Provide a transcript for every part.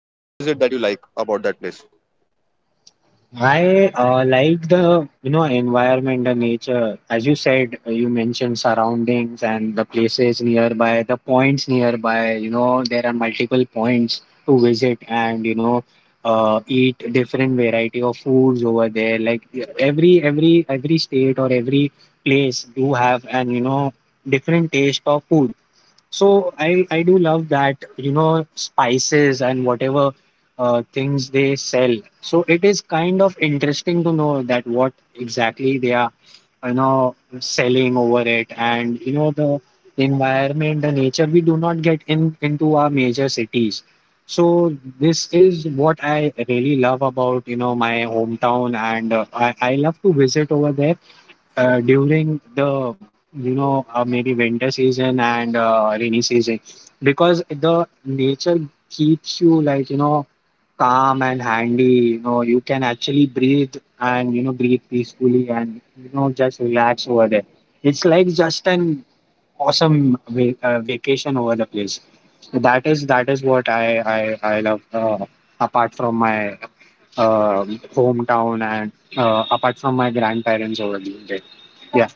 apart from that? What is it that you like about that place? I like the environment, the nature. As you said, you mentioned surroundings and the places nearby, the points nearby. You know there are multiple points to visit, and eat different variety of foods over there. Like every state or every place do have and you know different taste of food so I do love that, you know, spices and whatever things they sell. So it is kind of interesting to know that what exactly they are, you know, selling over it and you know the environment, the nature we do not get in into our major cities. So this is what I really love about, you know, my hometown and I love to visit over there during the maybe winter season and rainy season because the nature keeps you like calm and handy. You know you can actually breathe and breathe peacefully and just relax over there. It's like just an awesome vacation over the place. That is what i, I love, apart from my uh, hometown and apart from my grandparents over there, yeah.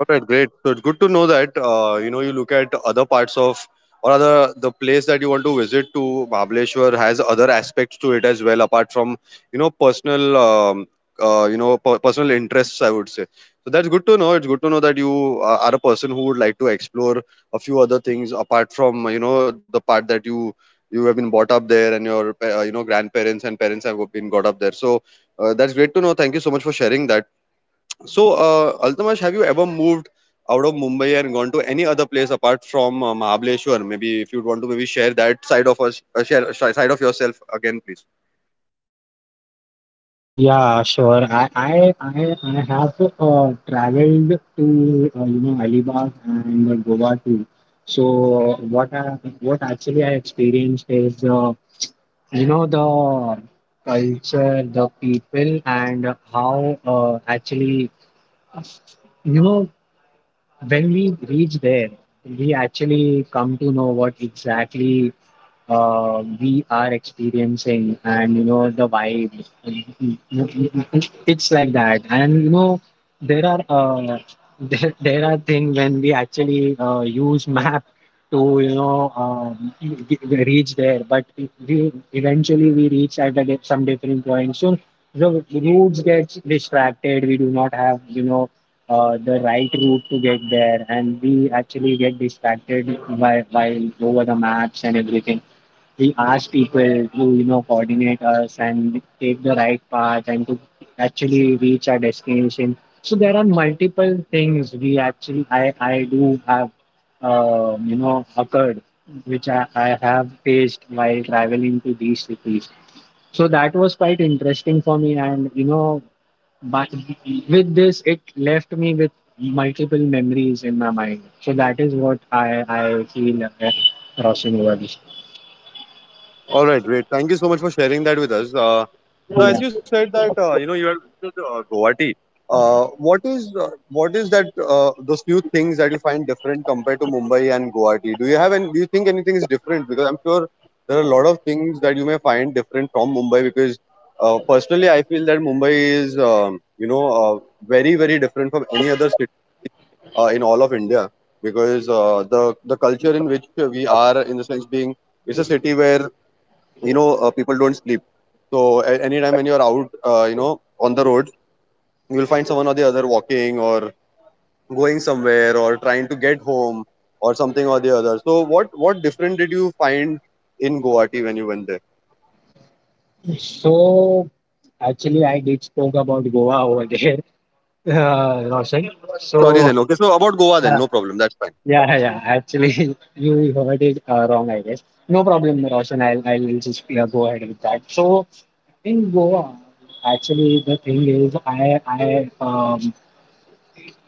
All right, great. So it's good to know that you look at other parts of or other the place that you want to visit to. Mahabaleshwar has other aspects to it as well apart from personal personal interests, I would say. So that's good to know. It's good to know that you are a person who would like to explore a few other things apart from the part that you have been brought up there and your grandparents and parents have been got up there. So that's great to know. Thank you so much for sharing that. So, Altamash, have you ever moved out of Mumbai and gone to any other place apart from Mahabaleshwar? Maybe if you want to maybe share that side of us, side of yourself again, please. Yeah, sure. I have traveled to you know Alibag and Goa too. So what I, what actually I experienced is, you know the culture, the people, and how actually you know when we reach there, we actually come to know what exactly we are experiencing, and you know the vibe. It's like that, and you know there are there are things when we actually use map to you know reach there, but we eventually we reach at some different point. So the routes gets distracted. We do not have you know the right route to get there, and we actually get distracted by while over the maps and everything. We ask people to you know coordinate us and take the right path and to actually reach our destination. So there are multiple things we actually I do have you know occurred which I have faced while traveling to these cities. So that was quite interesting for me, and you know but with this, it left me with multiple memories in my mind. So that is what I feel, crossing over this. All right, great. Thank you so much for sharing that with us. So as Yeah. you said that you have visited, Guwahati, what is that those few things that you find different compared to Mumbai and Guwahati? Do you have any, do you think anything is different? Because I'm sure there are a lot of things that you may find different from Mumbai. Because personally, I feel that Mumbai is very different from any other city in all of India. Because the culture in which we are, in the sense being, it's a city where people don't sleep, so anytime when you're out on the road, you will find someone or the other walking or going somewhere or trying to get home or something or the other. So what different did you find in Guwahati when you went there? So actually, I did spoke about Goa over there, Roshan. I'm sorry So then. Okay, so about Goa then, uh, no problem, that's fine. yeah, yeah. Actually, you heard it wrong, I guess. No problem, Roshan. I'll just go ahead with that. So in Goa, actually, the thing is,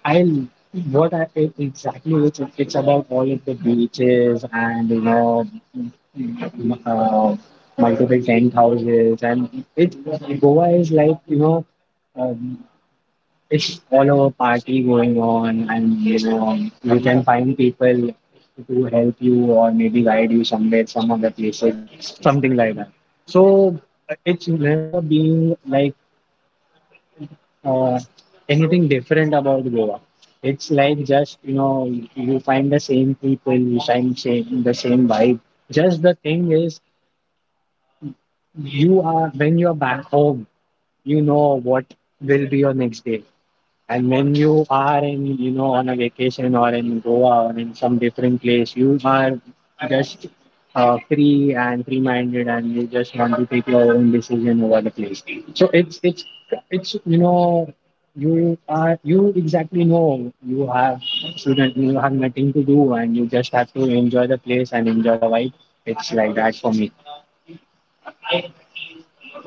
I what I it exactly it's about all of the beaches and you know m- uh, multiple tent houses and it Goa is like you know um, it's all over party going on and you know you can find people to help you or maybe guide you somewhere some other places or something like that. So it's never been like uh, anything different about Goa. It's like just you know you find the same people, you find same the same vibe. Just the thing is, you are when you are back home, you know what will be your next day. And when you are in, you know, on a vacation or in Goa or in some different place, you are just free and free-minded, and you just want to take your own decision over the place. So it's you know you exactly know you have student you have nothing to do and you just have to enjoy the place and enjoy the vibe. It's like that for me.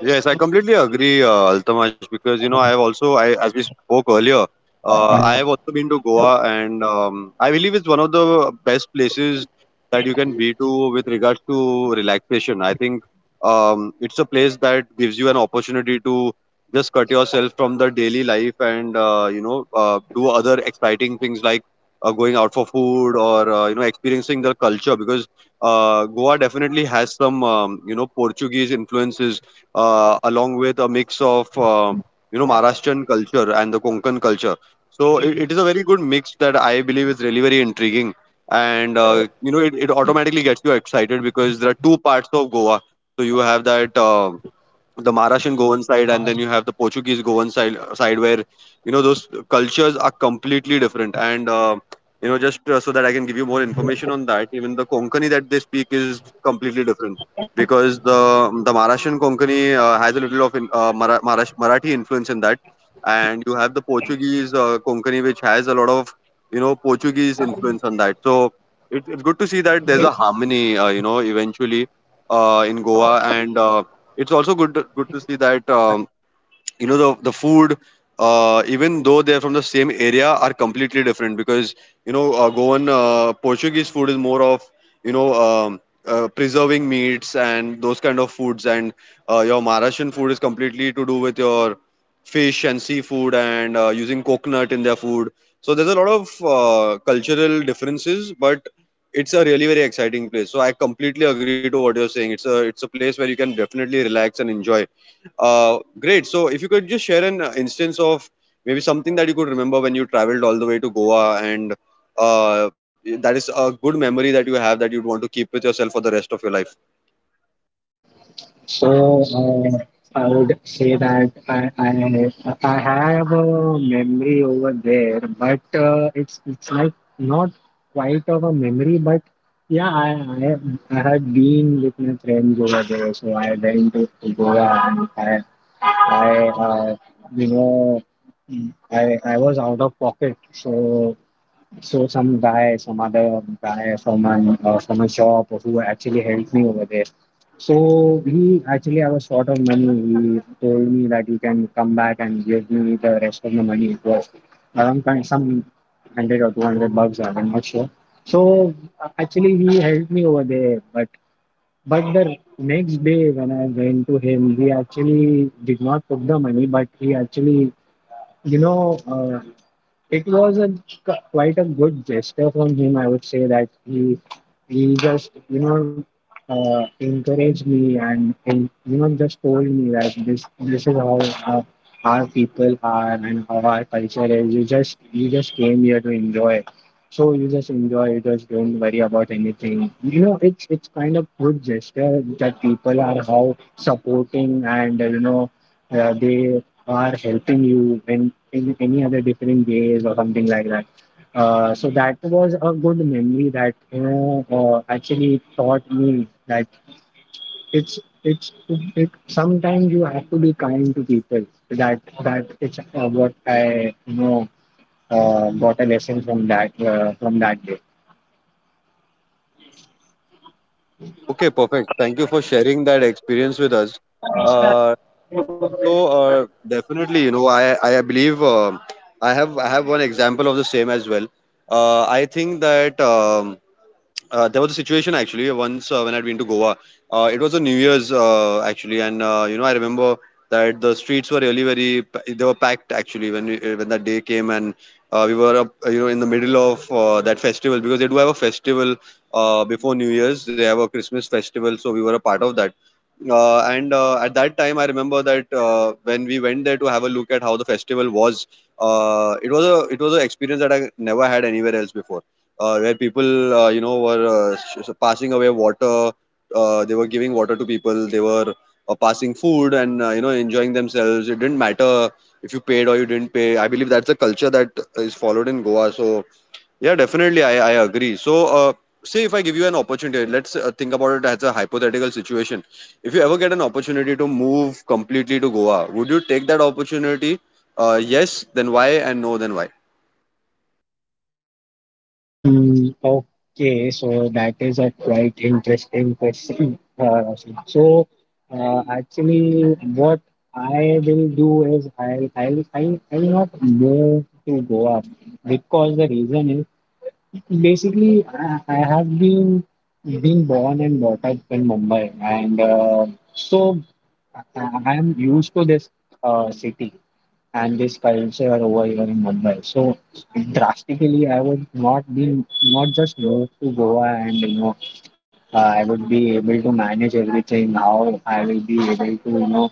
Yes, I completely agree, Altamash, because I have also, I as we spoke earlier, I have also been to Goa, and I believe it's one of the best places that you can be to with regards to relaxation. I think it's a place that gives you an opportunity to just cut yourself from the daily life and do other exciting things like going out for food or experiencing the culture, because Goa definitely has some Portuguese influences along with a mix of Maharashtrian culture and the Konkan culture. So it is a very good mix that I believe is really very intriguing, and it automatically gets you excited because there are two parts of Goa. So you have that. The Maharashtrian Goan side, and then you have the Portuguese Goan side where those cultures are completely different. And you know, just so that I can give you more information on that, even the Konkani that they speak is completely different, because the Maharashtrian Konkani has a little of Marathi influence in that, and you have the Portuguese Konkani which has a lot of Portuguese influence on that. So it's good to see that there's a harmony, eventually in Goa. And it's also good to see that the food, even though they're from the same area, are completely different, because Goan Portuguese food is more of you know um, preserving meats and those kind of foods, and your Maharashtrian food is completely to do with your fish and seafood, and using coconut in their food. So there's a lot of cultural differences, but it's a really very exciting place. So I completely agree to what you're saying. It's a place where you can definitely relax and enjoy. Great. So, if you could just share an instance of maybe something that you could remember when you traveled all the way to Goa, and uh, that is a good memory that you have that you'd want to keep with yourself for the rest of your life. So I would say that I have a memory over there, but it's like not quite of a memory, but yeah, I I had been with my friends over there, so I went to Goa and I you know I was out of pocket, so some guy, some other guy from an from a shop who actually helped me over there. So he actually I was short of money. He told me that you can come back and give me the rest of the money. It was around some 100 or 200 bucks. I'm not sure. So actually he helped me over there, but the next day when I went to him, he actually did not took the money, but he actually you know, it was a quite a good gesture from him. I would say that he just you know encouraged me and you know just told me that this is how our, our people are and how our culture is. You just came here to enjoy. So you just enjoy, you just don't worry about anything. You know, it's kind of good gesture that people are how supporting and you know they are helping you in any other different ways or something like that. So that was a good memory that you know actually taught me that sometimes you have to be kind to people. That it's what I you know got a lesson from that day. Okay, perfect. Thank you for sharing that experience with us. Uh, definitely, I believe I have one example of the same as well. I think that. There was a situation actually once when I'd been to Goa. It was a New Year's actually, and I remember that the streets were really they were packed actually when when that day came, and we were up, in the middle of that festival, because they do have a festival before New Year's. They have a Christmas festival, so we were a part of that. And at that time, I remember that when we went there to have a look at how the festival was, it was a it was an experience that I never had anywhere else before, where people passing away water, they were giving water to people, they were passing food, and enjoying themselves. It didn't matter if you paid or you didn't pay. I believe that's a culture that is followed in Goa. So yeah, definitely, I agree. So say if I give you an opportunity, let's think about it as a hypothetical situation. If you ever get an opportunity to move completely to Goa, would you take that opportunity? Yes, then why, and no, then why? Mm, okay, so that is a quite interesting question. Roshi. So, actually, what I will do is I'll not move to Goa because the reason is basically I have been born and brought up in Mumbai, and so I, I'm used to this city and this culture over here in Mumbai. So drastically, I would not just move to Goa and you know I would be able to manage everything. How I will be able to you know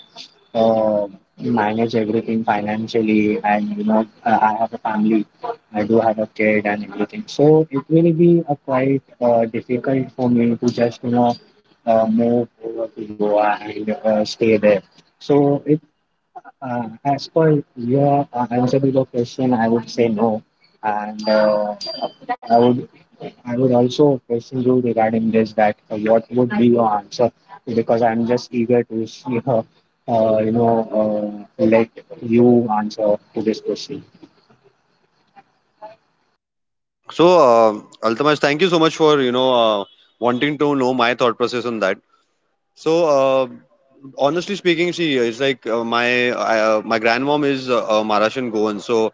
uh, manage everything financially, and you know I have a family. I do have a kid and everything. So it will be a quite difficult for me to just you know move over to Goa and stay there. So it as per your answer to the question, I would say no, and I would I would also question you regarding this that what would be your answer because I'm just eager to see her. You know, let you answer to this question. So, Altamaj, thank you so much for wanting to know my thought process on that. So, honestly speaking, see, it's like my grandmom is a Maharashtrian Goan. So,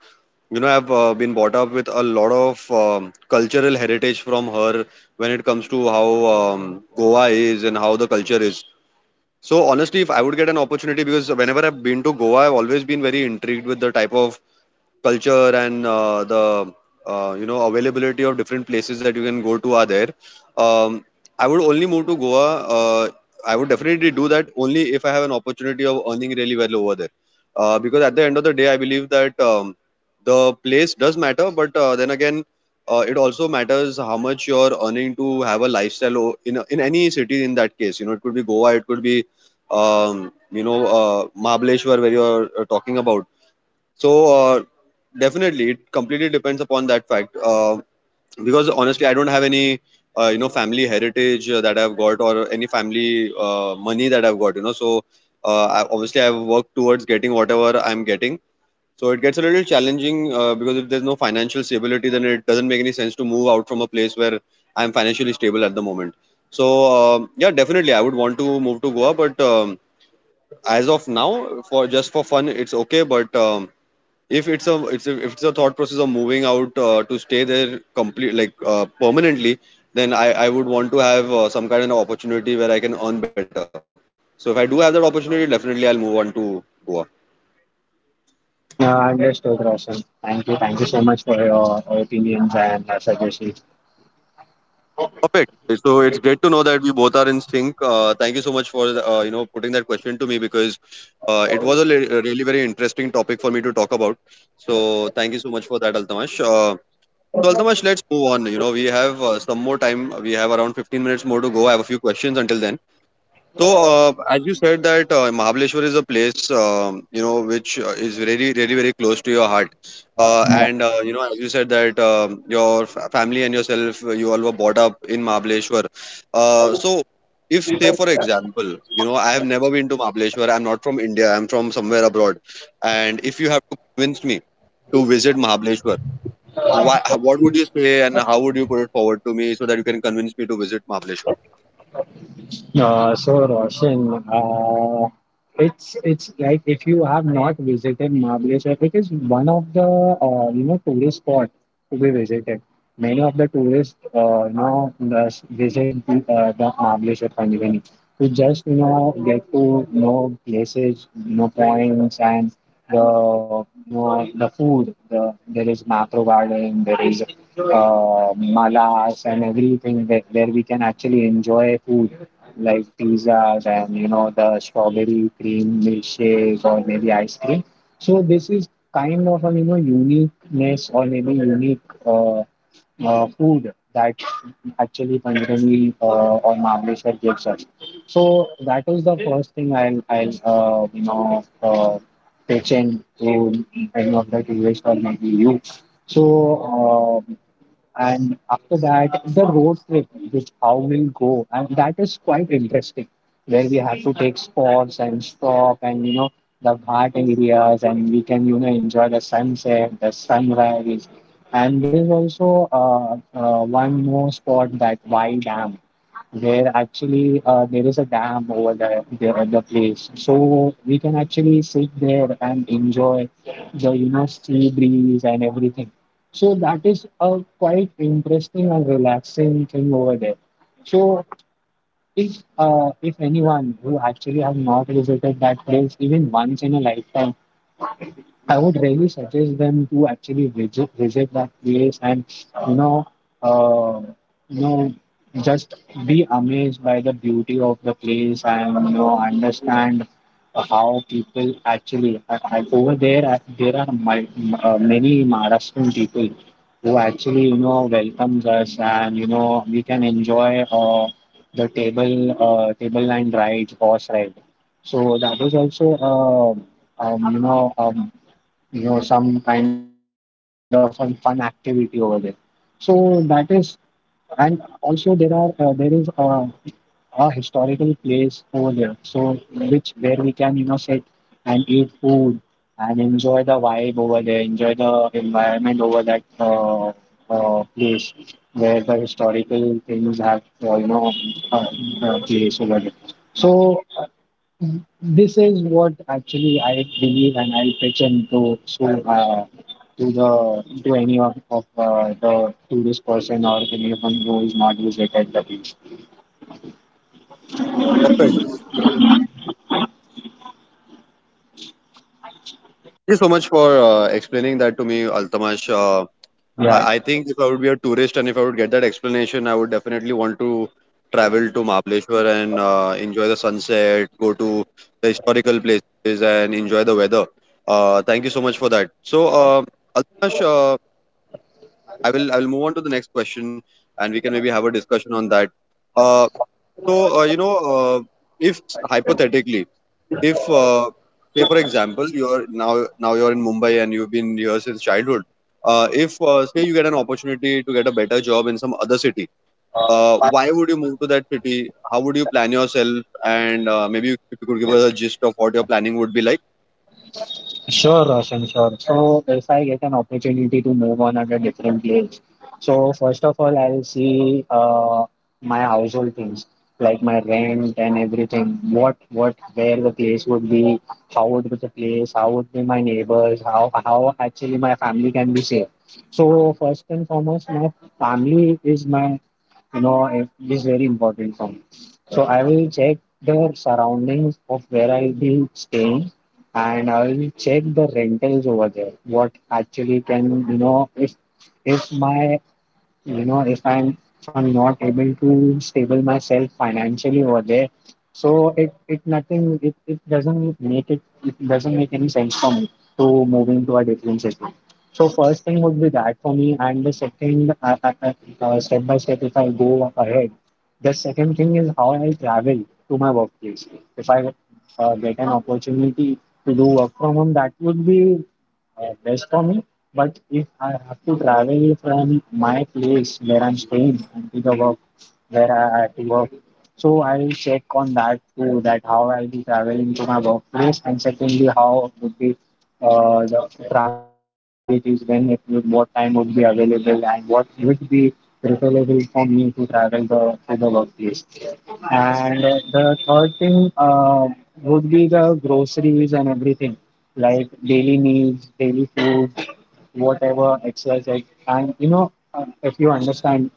I've been brought up with a lot of cultural heritage from her, when it comes to how Goa is and how the culture is. So, honestly, if I would get an opportunity, because whenever I've been to Goa, I've always been very intrigued with the type of culture and the you know availability of different places that you can go to are there. Um, I would only move to Goa. Uh, I would definitely do that only if I have an opportunity of earning really well over there. Because at the end of the day, I believe that the place does matter, but then again, it also matters how much you're earning to have a lifestyle in any city. In that case, you know, it could be Goa, it could be Mahabaleshwar, where you're talking about. So definitely, it completely depends upon that fact. Because honestly, I don't have any family heritage that I've got, or any family money that I've got. You know, so obviously I've worked towards getting whatever I'm getting. So it gets a little challenging because if there's no financial stability, then it doesn't make any sense to move out from a place where I'm financially stable at the moment. So yeah, definitely, I would want to move to Goa, but as of now, for just for fun, it's okay. But if it's a it's a, if it's a thought process of moving out to stay there complete, like permanently, then I would want to have some kind of opportunity where I can earn better. So if I do have that opportunity, definitely I'll move on to Goa. Yeah, understood, Roshan. Thank you. Thank you so much for your opinions and suggestions. Perfect. So it's great to know that we both are in sync. Thank you so much for putting that question to me, because it was a li- a really very interesting topic for me to talk about. So thank you so much for that, Altamash. So, Altamash, let's move on. You know, we have some more time, we have around 15 minutes more to go. I have a few questions until then. So, as you said that Mahabaleshwar is a place, which is really very close to your heart. And as you said that your family and yourself, you all were brought up in Mahabaleshwar. Uh, so, if, say, for example, you know, I have never been to Mahabaleshwar, I'm not from India, I'm from somewhere abroad. And if you have to convince me to Yeah. visit Mahabaleshwar, why, what would you say and how would you put it forward to me so that you can convince me to visit Mahabaleshwar? So Roshan, it's like if you have not visited Mahabaleshwar, it is one of the you know tourist spot to be visited. Many of the tourists you know thus visit the Mahabaleshwar Panjivani to just you know get to know places, you know points and the you know the food. There is macro garden, there is malas and everything where we can actually enjoy food like pizzas and you know the strawberry cream milkshake or maybe ice cream. So this is kind of a you know uniqueness or maybe unique uh, food that actually Panjani or Mahabaleshwar gives us. So that is the first thing I'll you know pitch in to any of the tourists or maybe you. So and after that the road trip which how we'll go and that is quite interesting where we have to take spots and stop and you know the ghat areas and we can you know enjoy the sunset the sunrise. And there is also one more spot that Y Dam. There actually there is a dam over there, the place, so we can actually sit there and enjoy the you know sea breeze and everything. So that is a quite interesting and relaxing thing over there. So if anyone who actually have not visited that place even once in a lifetime, I would really suggest them to actually visit that place and you know uh, you know just be amazed by the beauty of the place, and you know, understand how people actually over there, there are many Maharashtrian people who actually, you know, welcomes us, and you know, we can enjoy the table line rides, horse ride. So that was also um, you know um, some kind of a fun activity over there. So that is. And also there is a historical place over there, so which where we can, you know, sit and eat food and enjoy the vibe over there, enjoy the environment over that place where the historical things have uh, place over there. So this is what actually I believe, and I'll pitch in to so, to the to any of the tourist person or anyone who is not visited the beach. Thank you so much for explaining that to me, Altamash. Uh, Yeah, I, I think if I would be a tourist and if I would get that explanation, I would definitely want to travel to Mahabaleshwar and enjoy the sunset, go to the historical places and enjoy the weather. Thank you so much for that. Altamash, I will move on to the next question and we can maybe have a discussion on that. Uh, so, uh, you know, uh, if hypothetically if say for example you're now you're in Mumbai and you've been here since childhood. If Say you get an opportunity to get a better job in some other city. Why would you move to that city? How would you plan yourself? And if you could give us a gist of what your planning would be like. sure, Roshan, sure. So, if I get an opportunity to move on at a different place, so first of all, I'll see my household things like my rent and everything. What, where the place would be, how would be the place, how would be my neighbors, how actually my family can be safe. So, first and foremost, my family is my, you know, it is very important for me. So, I will check the surroundings of where I'll be staying, and I will check the rentals over there. What actually can, you know, if my, you know, if I'm not able to stable myself financially over there, so it nothing, it doesn't make it, it doesn't make any sense for me to moving to a different city. So first thing would be that for me, and the second step by step, if I go ahead, the second thing is how I travel to my workplace. If I get an opportunity to do work from home, that would be best for me. But if I have to travel from my place where I'm staying and to the work where I have to work, so I'll check on that too, that how I'll be traveling to my workplace, and secondly, how would be the transport facilities, when it would, what time would be available, and what would be preferable for me to travel the, to the workplace. And the third thing would be the groceries and everything, like daily needs, daily food, whatever exercise. And you know, if you understand,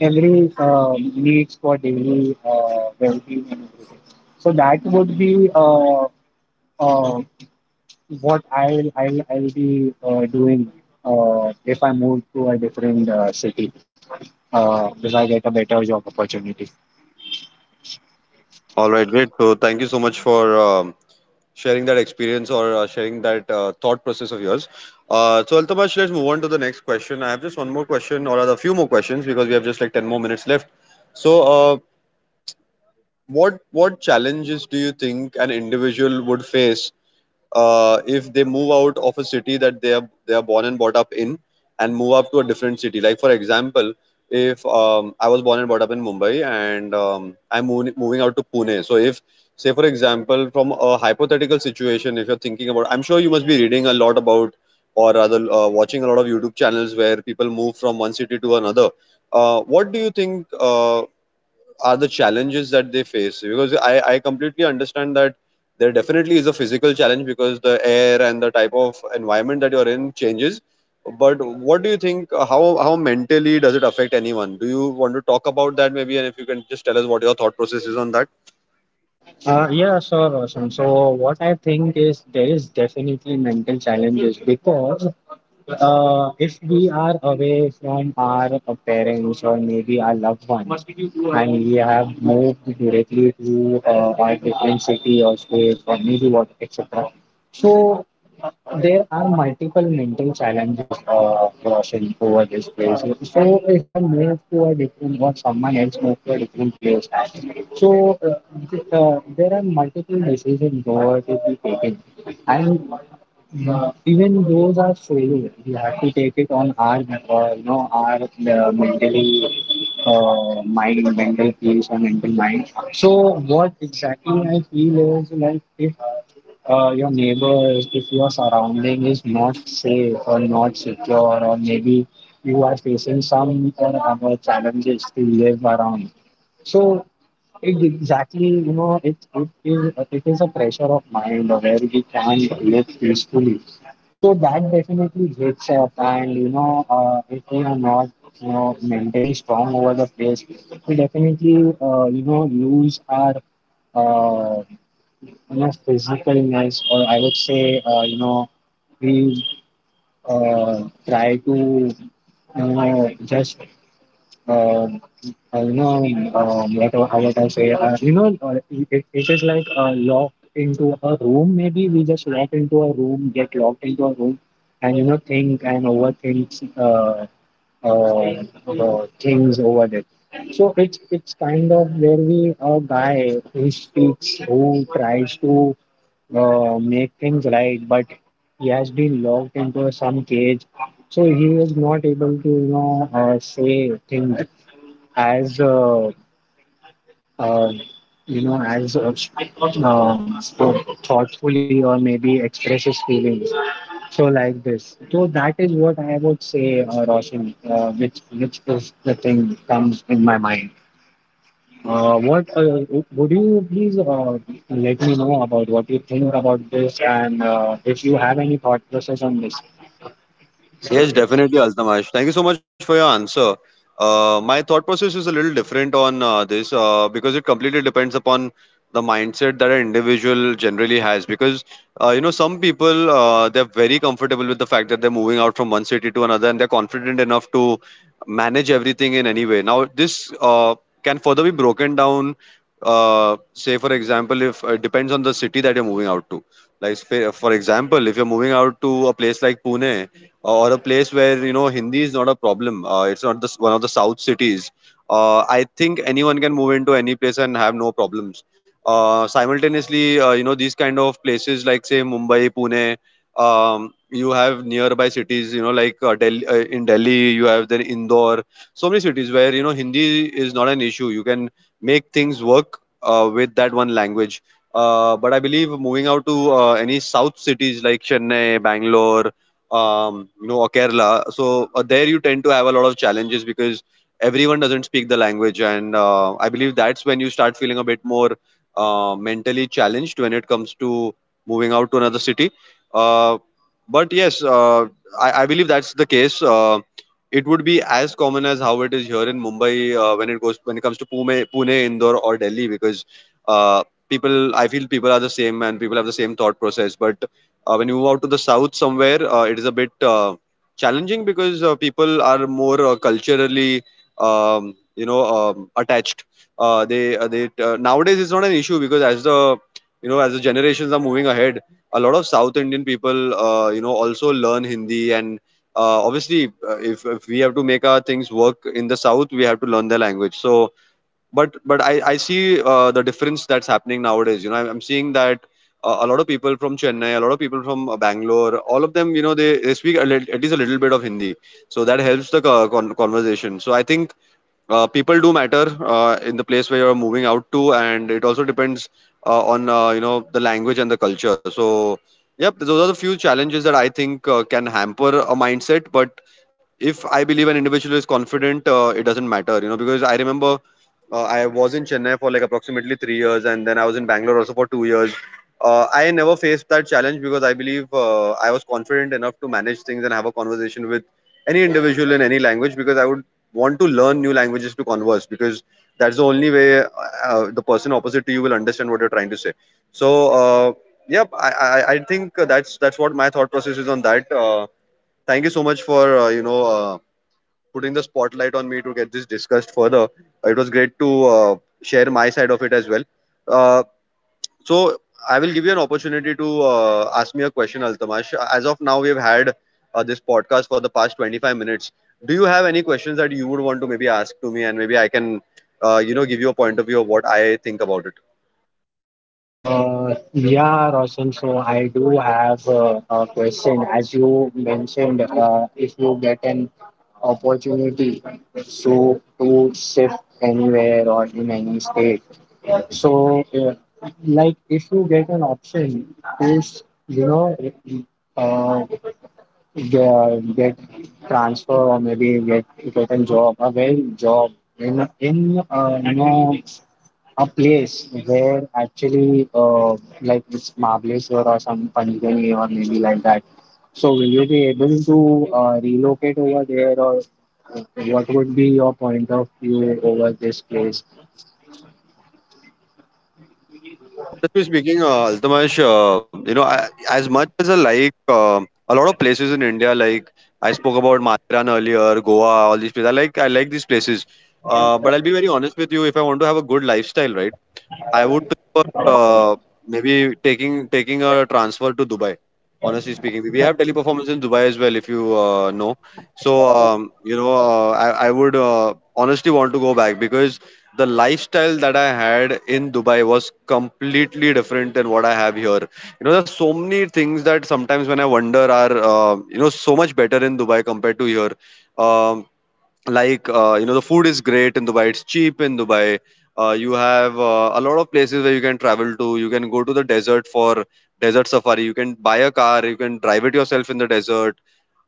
every needs for daily well-being and everything. So that would be uh, what I'll be doing if I move to a different city, if I get a better job opportunity. All right, great. So thank you so much for um, sharing that experience, or sharing that thought process of yours. So Altamash, let's move on to the next question. I have just one more question, or rather a few more questions, because we have just like 10 more minutes left. so, uh, what challenges do you think an individual would face if they move out of a city that they are born and brought up in, and move up to a different city? Like for example, if I was born and brought up in Mumbai, and I'm moving out to Pune. So if say for example, from a hypothetical situation, if you're thinking about, I'm sure you must be reading a lot about, or rather watching a lot of YouTube channels where people move from one city to another. What do you think are the challenges that they face? Because I completely understand that there definitely is a physical challenge because the air and the type of environment that you're in changes. But what do you think? How mentally does it affect anyone? Do you want to talk about that maybe? And if you can just tell us what your thought process is on that. Yeah, sure, Roshan. So what I think is there is definitely mental challenges because if we are away from our parents or maybe our loved ones, and we have moved directly to our different city or state or maybe what etc. So there are multiple mental challenges of crossing over this place. So if I move to a different or someone else move to a different place, so there are multiple decisions over to be taken, and even those are solo. We have to take it on our, you know, our mentally mind, mental peace or mental mind. So what exactly I feel is like if your neighbor, if your surrounding is not safe or not secure, or maybe you are facing some or other challenges to live around. So it exactly, you know, it is a pressure of mind where we can't live peacefully. So that definitely hits up, and you know, if we are not, you know, mentally strong over the place, we definitely you know lose our uh, you know, physicalness, or I would say, you know, we try to, you know, just, uh, you know, what what I say, you know, it is like locked into a room. Maybe we just lock into a room, get locked into a room, and you know, think and overthink things over there. So it's kind of where we a guy who speaks, who tries to make things right, but he has been locked into some cage, so he is not able to, you know, say things as, uh, you know, as so thoughtfully or maybe express his feelings. So like this. So that is what I would say, Roshan, which is the thing comes in my mind. What would you please let me know about what you think about this, and if you have any thought process on this? Yes, definitely, Altamash. Thank you so much for your answer. My thought process is a little different on this because it completely depends upon the mindset that an individual generally has. Because you know, some people they're very comfortable with the fact that they're moving out from one city to another, and they're confident enough to manage everything in any way. Now, this can further be broken down. Say, for example, if it depends on the city that you're moving out to. Like, say, for example, if you're moving out to a place like Pune, or a place where you know Hindi is not a problem. It's not the one of the south cities. I think anyone can move into any place and have no problems. Simultaneously, you know, these kind of places like say Mumbai, Pune. You have nearby cities, you know, like Delhi. In Delhi, you have then Indore. So many cities where you know Hindi is not an issue. You can make things work with that one language. But I believe moving out to any south cities like Chennai, Bangalore, you know, or Kerala. So there you tend to have a lot of challenges because everyone doesn't speak the language, and I believe that's when you start feeling a bit more mentally challenged when it comes to moving out to another city. Uh, but yes, I believe that's the case. It would be as common as how it is here in Mumbai when it comes to Pune, Indore, or Delhi, because uh, people I feel people are the same and people have the same thought process, but when you move out to the south somewhere, it is a bit challenging because people are more culturally, attached. They Nowadays it's not an issue because as the as the generations are moving ahead, a lot of South Indian people you know also learn Hindi, and obviously if we have to make our things work in the south, we have to learn the language. So but I see the difference that's happening nowadays. You know, I'm seeing that a lot of people from Chennai, a lot of people from Bangalore, all of them, you know, they speak a at least a little bit of Hindi, so that helps the conversation. So I think people do matter in the place where you're moving out to, and it also depends on you know the language and the culture. So yep, those are the few challenges that I think can hamper a mindset. But if I believe an individual is confident, it doesn't matter, you know, because I remember I was in Chennai for like approximately 3 years, and then I was in Bangalore also for 2 years. I never faced that challenge because I believe I was confident enough to manage things and have a conversation with any individual in any language, because I would want to learn new languages to converse, because that's the only way the person opposite to you will understand what you're trying to say. So I think that's what my thought process is on that. Thank you so much for putting the spotlight on me to get this discussed further. It was great to share my side of it as well. Uh, so I will give you an opportunity to ask me a question, Altamash. As of now, we've had this podcast for the past 25 minutes. Do you have any questions that you would want to maybe ask to me, and maybe I can, you know, give you a point of view of what I think about it? Yeah, Roshan. So I do have a question. As you mentioned, if you get an opportunity, so to shift anywhere or in any state, so like if you get an option to, you know, uh, get transfer or maybe get a job, a well job in you know a place where actually like it's Mahabaleshwar or some Panchgani or maybe like that. So will you be able to relocate over there, or what would be your point of view over this place? So honestly speaking, Altamash, you know, I, as much as I like a lot of places in India, like I spoke about Matheran earlier, Goa, all these places. I like these places. But I'll be very honest with you. If I want to have a good lifestyle, right? I would prefer maybe taking a transfer to Dubai. Honestly speaking, we have teleperformance in Dubai as well, if you know. So you know, I would honestly want to go back because the lifestyle that I had in Dubai was completely different than what I have here. You know, there's so many things that sometimes when I wonder are you know so much better in Dubai compared to here. Um, like you know, the food is great in Dubai, it's cheap in Dubai. You have a lot of places where you can travel to. You can go to the desert for desert safari. You can buy a car, you can drive it yourself in the desert.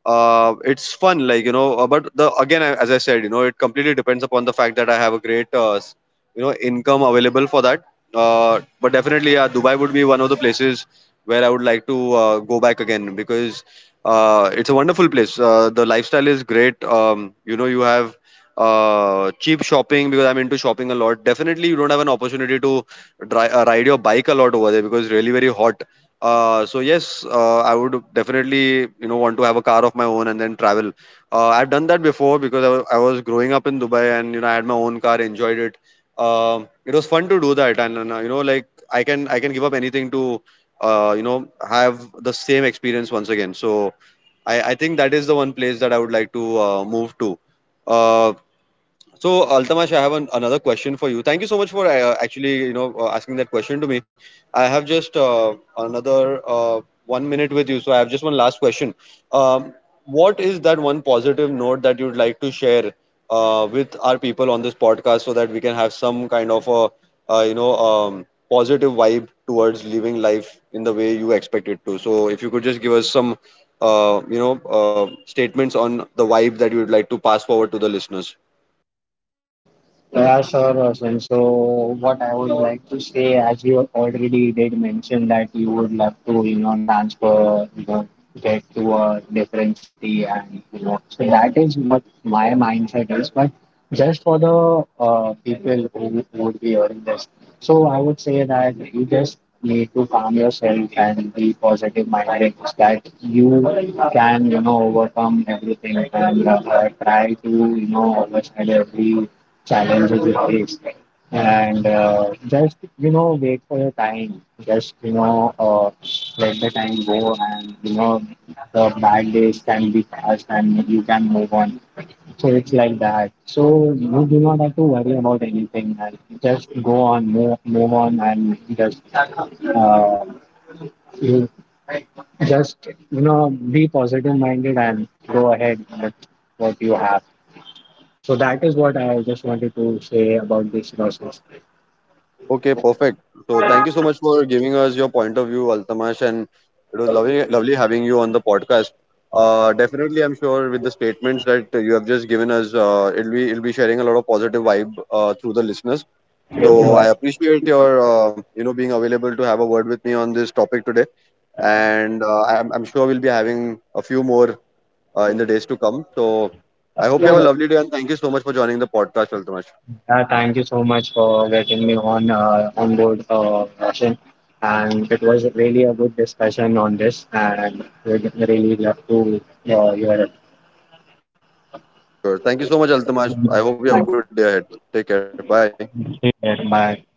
It's fun, like you know. But the again I- As I said, you know, it completely depends upon the fact that I have a great you know income available for that. But definitely, yeah, Dubai would be one of the places where I would like to go back again because it's a wonderful place. The lifestyle is great. You know, you have cheap shopping because I'm into shopping a lot. Definitely, you don't have an opportunity to dri ride your bike a lot over there because it's really very hot. So yes, I would definitely, you know, want to have a car of my own and then travel. I've done that before because I was growing up in Dubai, and you know I had my own car, enjoyed it. It was fun to do that, and you know, like I can give up anything to you know have the same experience once again. So I think that is the one place that I would like to move to. uh, so, Altamash, I have another question for you. Thank you so much for actually, you know, asking that question to me. I have just another one minute with you, so I have just one last question. Um, what is that one positive note that you'd like to share with our people on this podcast, so that we can have some kind of a, positive vibe towards living life in the way you expect it to? So, if you could just give us some, statements on the vibe that you would like to pass forward to the listeners. Yeah, sure, Roshan. So, what I would like to say, as you already did mention, that you would love to, you know, transfer, you know, get to a different city, and you know, so that is what my mindset is. But just for the people who would be hearing this, so I would say that you just need to calm yourself and be positive minded so that you can, you know, overcome everything, and try to, you know, overcome every challenges you face, and just you know wait for your time, just you know let the time go, and you know the bad days can be past and you can move on. So it's like that. So you do not have to worry about anything and just go on, move on, and just uh, you just you know be positive minded and go ahead with what you have. So that is what I just wanted to say about this process. Okay, perfect. So thank you so much for giving us your point of view, Altamash, and it was lovely having you on the podcast. Definitely, I'm sure with the statements that you have just given us, it'll be sharing a lot of positive vibe through the listeners. So So I appreciate your you know being available to have a word with me on this topic today, and I'm sure we'll be having a few more in the days to come. So I hope you have a lovely day, and thank you so much for joining the podcast, Altamash. Thank you so much for getting me on board, Roshan. And it was really a good discussion on this, and we're really love to your. Sure. Thank you so much, Altamash. I hope you have a Bye. good day ahead. Take care. Bye. Take care. Bye.